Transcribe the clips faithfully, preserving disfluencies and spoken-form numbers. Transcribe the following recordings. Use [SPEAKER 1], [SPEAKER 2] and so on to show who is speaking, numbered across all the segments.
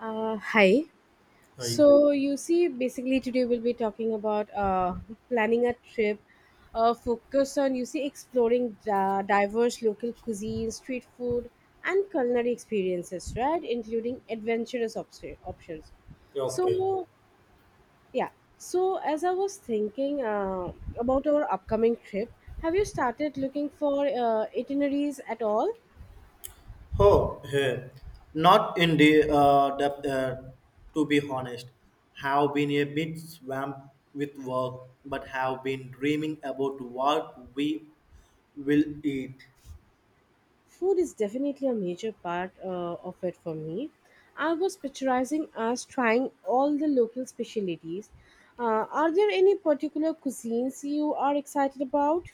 [SPEAKER 1] Uh, hi.
[SPEAKER 2] I,
[SPEAKER 1] So you see, basically today we'll be talking about uh, planning a trip, uh, focus on you see exploring uh, diverse local cuisine, street food, and culinary experiences, right? Including adventurous op- options.
[SPEAKER 2] okay.
[SPEAKER 1] So yeah. So as I was thinking uh, about our upcoming trip, have you started looking for uh, itineraries at all?
[SPEAKER 2] Oh, hey. Not in the uh, depth, uh, to be honest. Have been a bit swamped with work, but have been dreaming about what we will eat.
[SPEAKER 1] Food is definitely a major part uh, of it for me. I was picturizing us trying all the local specialties. Uh, are there any particular cuisines you are excited about?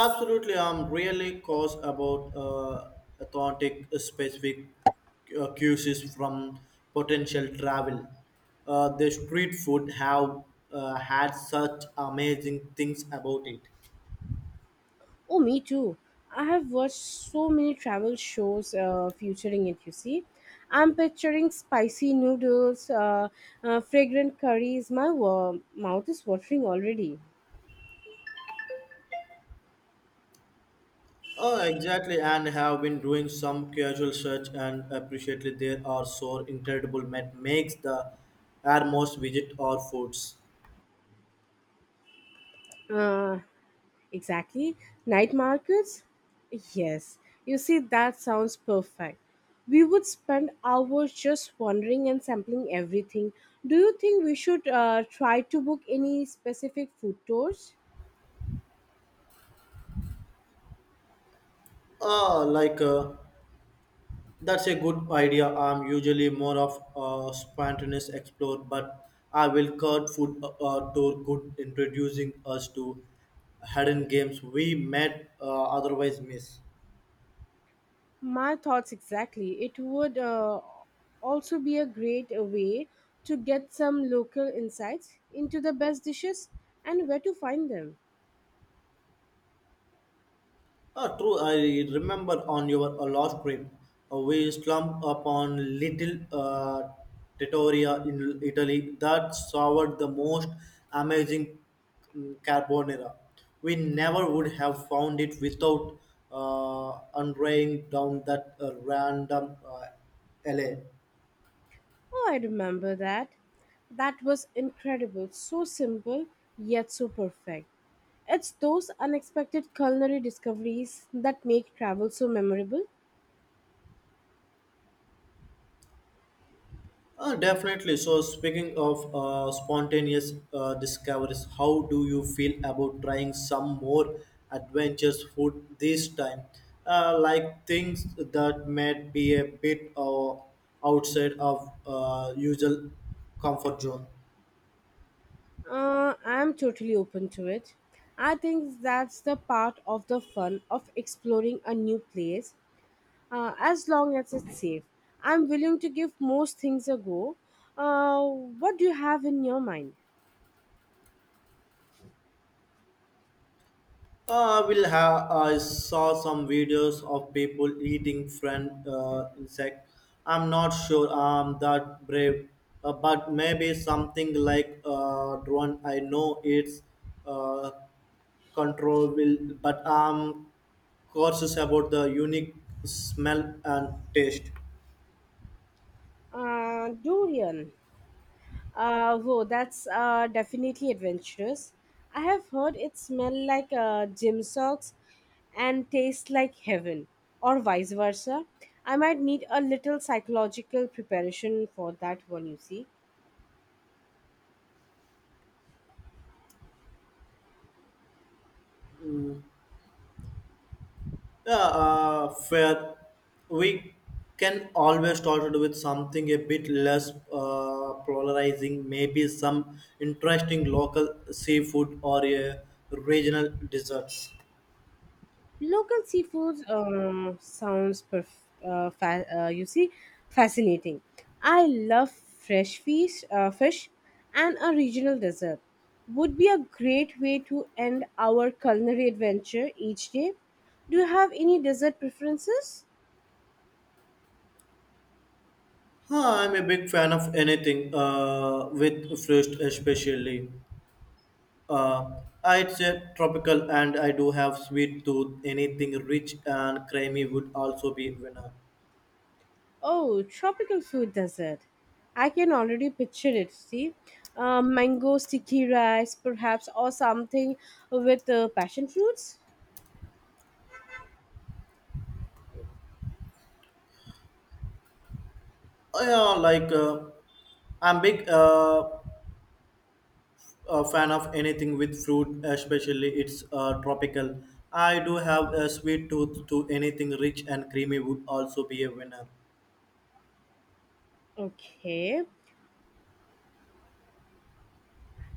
[SPEAKER 2] Absolutely, I'm really cause about uh, authentic specific uh, cuisines from potential travel. Uh, the street food have uh, had such amazing things about it.
[SPEAKER 1] Oh, me too. I have watched so many travel shows uh, featuring it, you see. I'm picturing spicy noodles, uh, uh, fragrant curries. My wa- mouth is watering already.
[SPEAKER 2] Oh, exactly, and have been doing some casual search and appreciately there are so incredible met makes the airmost visit or foods.
[SPEAKER 1] Uh, Exactly. Night markets? Yes. You see, that sounds perfect. We would spend hours just wandering and sampling everything. Do you think we should uh, try to book any specific food tours?
[SPEAKER 2] Ah, like uh, that's a good idea. I'm usually more of a spontaneous explorer, but I will cut food uh, tour good introducing us to hidden games we might uh, otherwise miss.
[SPEAKER 1] My thoughts exactly. It would uh, also be a great uh, way to get some local insights into the best dishes and where to find them.
[SPEAKER 2] Ah, true, I remember on your uh, last trip, uh, we slumped upon little uh, trattoria in Italy that served the most amazing mm, carbonara. We never would have found it without uh, unraying down that uh, random uh, alley.
[SPEAKER 1] Oh, I remember that. That was incredible. So simple, yet so perfect. It's those unexpected culinary discoveries that make travel so memorable.
[SPEAKER 2] Uh, definitely. So, speaking of uh, spontaneous uh, discoveries, how do you feel about trying some more adventurous food this time? Uh, like things that might be a bit uh, outside of uh, usual comfort zone.
[SPEAKER 1] Uh, I'm totally open to it. I think that's the part of the fun of exploring a new place, uh, as long as it's safe. I'm willing to give most things a go. Uh, what do you have in your mind?
[SPEAKER 2] Uh, will have. I saw some videos of people eating friend uh, insect. I'm not sure I'm that brave, uh, but maybe something like uh, drone. I know it's uh, control will, but I'm cautious about the unique smell and taste.
[SPEAKER 1] Uh, durian. Uh, whoa, that's uh, definitely adventurous. I have heard it smell like uh, gym socks and taste like heaven, or vice versa. I might need a little psychological preparation for that one, you see.
[SPEAKER 2] Yeah, uh, fair. We can always start with something a bit less uh, polarizing, maybe some interesting local seafood or a regional desserts.
[SPEAKER 1] Local seafood um, sounds perf- uh, fa- uh, you see fascinating. I love fresh fish, uh, fish, and a regional dessert. Would be a great way to end our culinary adventure each day. Do you have any dessert preferences?
[SPEAKER 2] Huh, I'm a big fan of anything uh, with fish, especially. Uh, I'd say tropical, and I do have sweet tooth. Anything rich and creamy would also be winner.
[SPEAKER 1] Oh, tropical fruit dessert. I can already picture it. See, uh, mango sticky rice, perhaps, or something with uh, passion fruits.
[SPEAKER 2] Oh, yeah, like uh, I'm big. Uh, a fan of anything with fruit, especially it's uh, tropical. I do have a sweet tooth to anything rich and creamy would also be a winner.
[SPEAKER 1] Okay.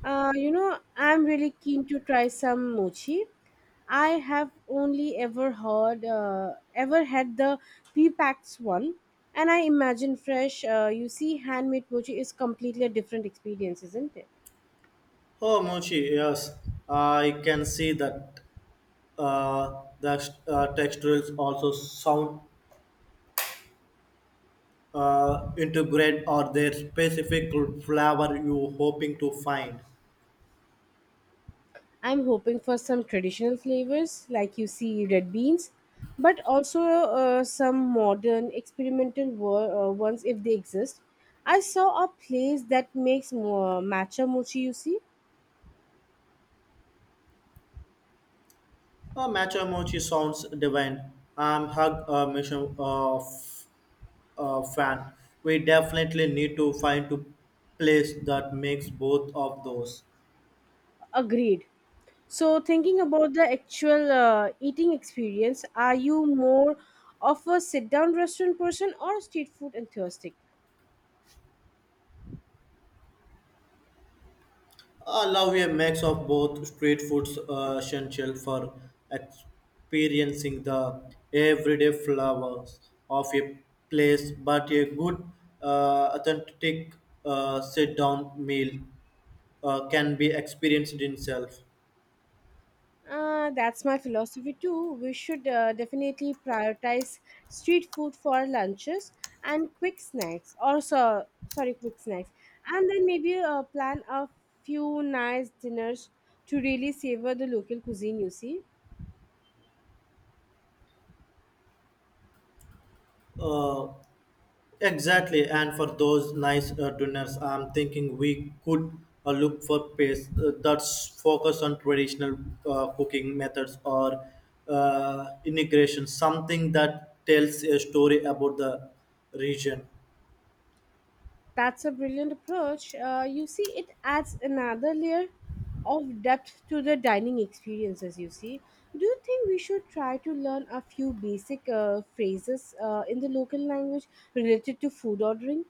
[SPEAKER 1] Uh, you know, I'm really keen to try some mochi. I have only ever heard, uh, ever had the P-Pax one, and I imagine fresh. Uh, you see, handmade mochi is completely a different experience, isn't it?
[SPEAKER 2] Oh, mochi, yes, I can see that. Uh, the uh, textures also sound uh, integrate or their specific flavor you hoping to find.
[SPEAKER 1] I'm hoping for some traditional flavors, like you see red beans, but also uh, some modern experimental wo- uh, ones if they exist. I saw a place that makes mo- matcha mochi, you see,
[SPEAKER 2] Uh, matcha mochi sounds divine. I'm hug a mission of uh, fan. We definitely need to find a place that makes both of those.
[SPEAKER 1] Agreed. So, thinking about the actual uh, eating experience, are you more of a sit down restaurant person or a street food enthusiast?
[SPEAKER 2] I love a mix of both street foods uh, essential for experiencing the everyday flavors of a place, but a good uh, authentic uh, sit-down meal uh, can be experienced in itself.
[SPEAKER 1] Uh, that's my philosophy too. We should uh, definitely prioritize street food for our lunches and quick snacks. Also, sorry, quick snacks, and then maybe uh, plan a few nice dinners to really savor the local cuisine. You see.
[SPEAKER 2] Uh, Exactly, and for those nice uh, dinners, I'm thinking we could uh, look for place uh, that's focused on traditional uh, cooking methods or uh, integration, something that tells a story about the region.
[SPEAKER 1] That's a brilliant approach. Uh, you see, it adds another layer of depth to the dining experience, as you see. Do you think we should try to learn a few basic uh, phrases uh, in the local language related to food ordering?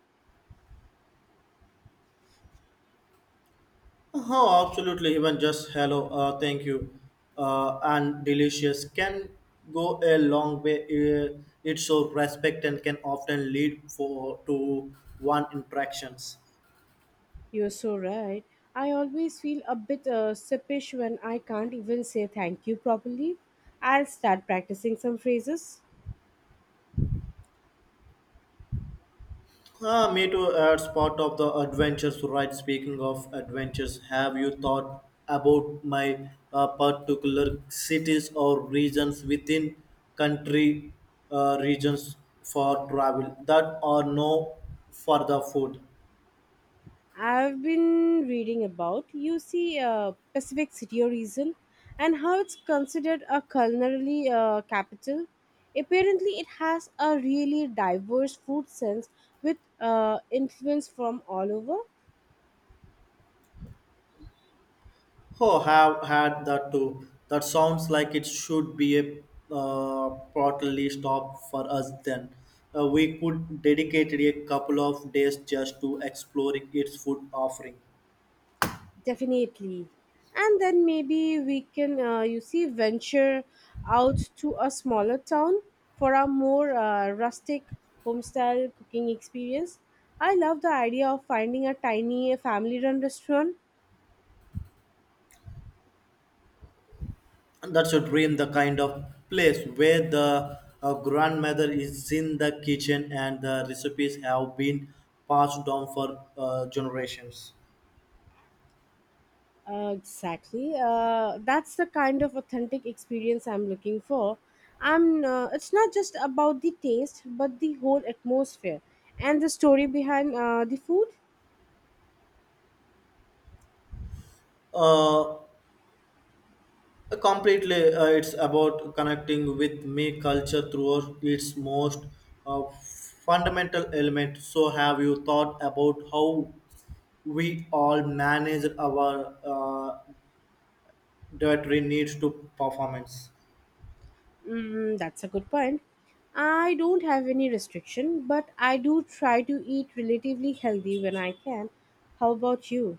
[SPEAKER 2] Oh, absolutely, even just hello, uh, thank you, uh, and delicious can go a long way. Uh, it's so respect and can often lead for to one interactions.
[SPEAKER 1] You're so right. I always feel a bit uh, sippish when I can't even say thank you properly. I'll start practicing some phrases.
[SPEAKER 2] Ah, me too. uh, It's part of the adventures, right? Speaking of adventures, have you thought about my uh, particular cities or regions within country uh, regions for travel that are no for the food?
[SPEAKER 1] I've been reading about U C uh, Pacific City Reason and how it's considered a culinary uh, capital. Apparently, it has a really diverse food sense with uh, influence from all over.
[SPEAKER 2] Oh, have had that too. That sounds like it should be a uh, portally stop for us then. Uh, we could dedicate a couple of days just to exploring its food offering.
[SPEAKER 1] Definitely. And then maybe we can, uh, you see, venture out to a smaller town for a more uh, rustic homestyle cooking experience. I love the idea of finding a tiny family run restaurant.
[SPEAKER 2] That should bring the kind of place where the uh, grandmother is in the kitchen and the recipes have been passed down for uh, generations.
[SPEAKER 1] Uh, exactly. Uh, that's the kind of authentic experience I'm looking for. I'm. Uh, it's not just about the taste, but the whole atmosphere and the story behind uh, the food.
[SPEAKER 2] uh, Completely uh, it's about connecting with me culture through its most uh, fundamental element. So have you thought about how we all manage our uh, dietary needs to performance?
[SPEAKER 1] Mm, that's a good point. I don't have any restriction, but I do try to eat relatively healthy when I can. How about you?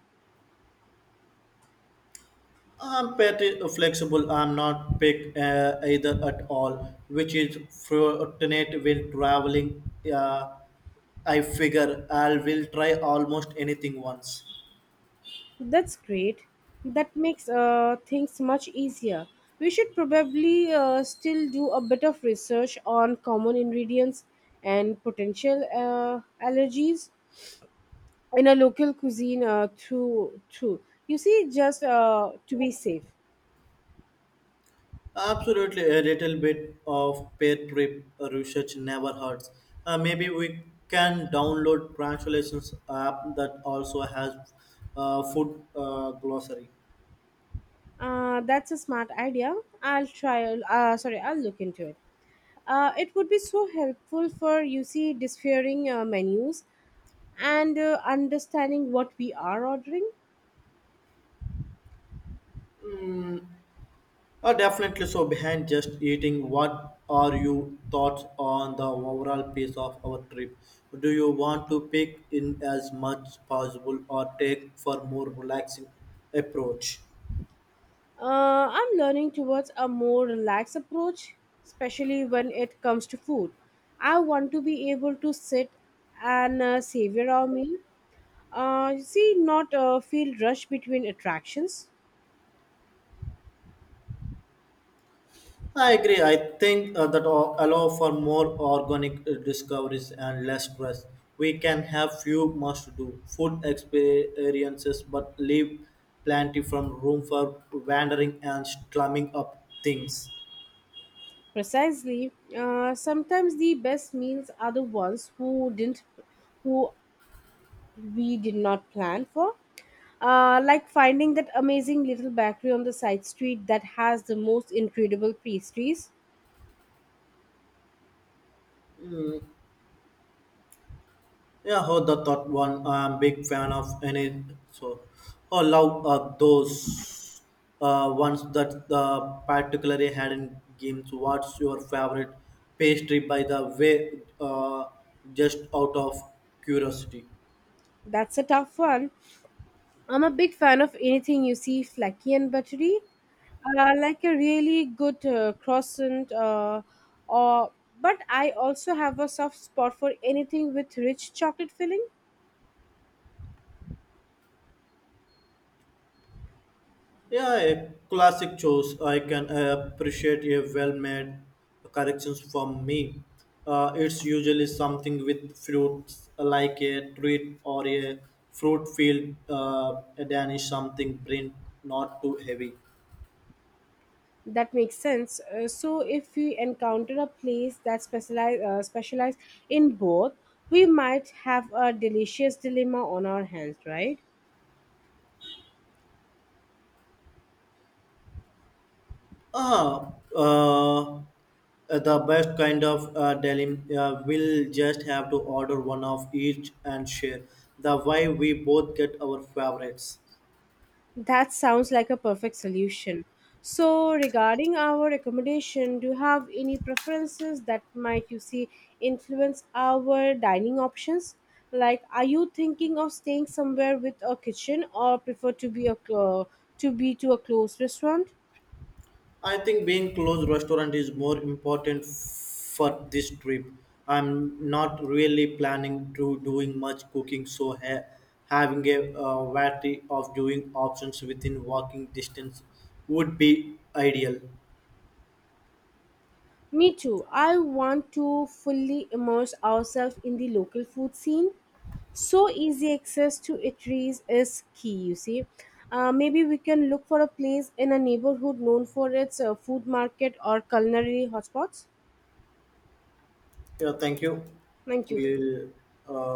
[SPEAKER 2] I'm pretty flexible. I'm not pick uh, either at all, which is fortunate when traveling. Uh, I figure I will try almost anything once.
[SPEAKER 1] That's great. That makes uh, things much easier. We should probably uh, still do a bit of research on common ingredients and potential uh, allergies in a local cuisine uh, through through. You see, just uh, to be safe.
[SPEAKER 2] Absolutely, a little bit of pair trip research never hurts. Uh, maybe we can download translations app that also has uh, food uh, glossary.
[SPEAKER 1] Uh, that's a smart idea. I'll try. Uh, sorry, I'll look into it. Uh, it would be so helpful for you see disfiguring uh, menus and uh, understanding what we are ordering.
[SPEAKER 2] Uh, definitely. So behind just eating, what are your thoughts on the overall pace of our trip? Do you want to pick in as much possible or take for more relaxing approach?
[SPEAKER 1] Uh, I'm learning towards a more relaxed approach, especially when it comes to food. I want to be able to sit and uh, savor our meal. Uh, see, not uh, feel rushed between attractions.
[SPEAKER 2] I agree. I think uh, that all- allow for more organic uh, discoveries and less stress. We can have few must-do food experiences, but leave plenty from room for wandering and slumming up things.
[SPEAKER 1] Precisely. Uh, sometimes the best meals are the ones who didn't, who we did not plan for. Uh, like finding that amazing little bakery on the side street that has the most incredible pastries.
[SPEAKER 2] Yeah, oh, the third one. I'm big fan of any. So, oh, love uh, those uh, ones that uh, particularly had in games. What's your favorite pastry, by the way? Uh, just out of curiosity.
[SPEAKER 1] That's a tough one. I'm a big fan of anything you see flaky and buttery, uh, like a really good uh, croissant. Uh, or, but I also have a soft spot for anything with rich chocolate filling.
[SPEAKER 2] Yeah, a classic choice. I can appreciate a well-made corrections from me. Uh, it's usually something with fruits like a treat or a fruit field, uh, a Danish something print, not too heavy.
[SPEAKER 1] That makes sense. Uh, so if we encounter a place that specialize uh, specialize in both, we might have a delicious dilemma on our hands, right?
[SPEAKER 2] Ah, uh, the best kind of uh, delim uh, will just have to order one of each and share. The way we both get our favorites.
[SPEAKER 1] That sounds like a perfect solution. So, regarding our accommodation, do you have any preferences that might you see influence our dining options? Like, are you thinking of staying somewhere with a kitchen, or prefer to be a clo- to be to a closed restaurant?
[SPEAKER 2] I think being close restaurant is more important for this trip. I'm not really planning to doing much cooking, so ha- having a uh, variety of doing options within walking distance would be ideal.
[SPEAKER 1] Me too. I want to fully immerse ourselves in the local food scene. So easy access to eateries is key, you see. Uh, maybe we can look for a place in a neighborhood known for its uh, food market or culinary hotspots.
[SPEAKER 2] Yeah, thank you.
[SPEAKER 1] Thank you.
[SPEAKER 2] We'll uh,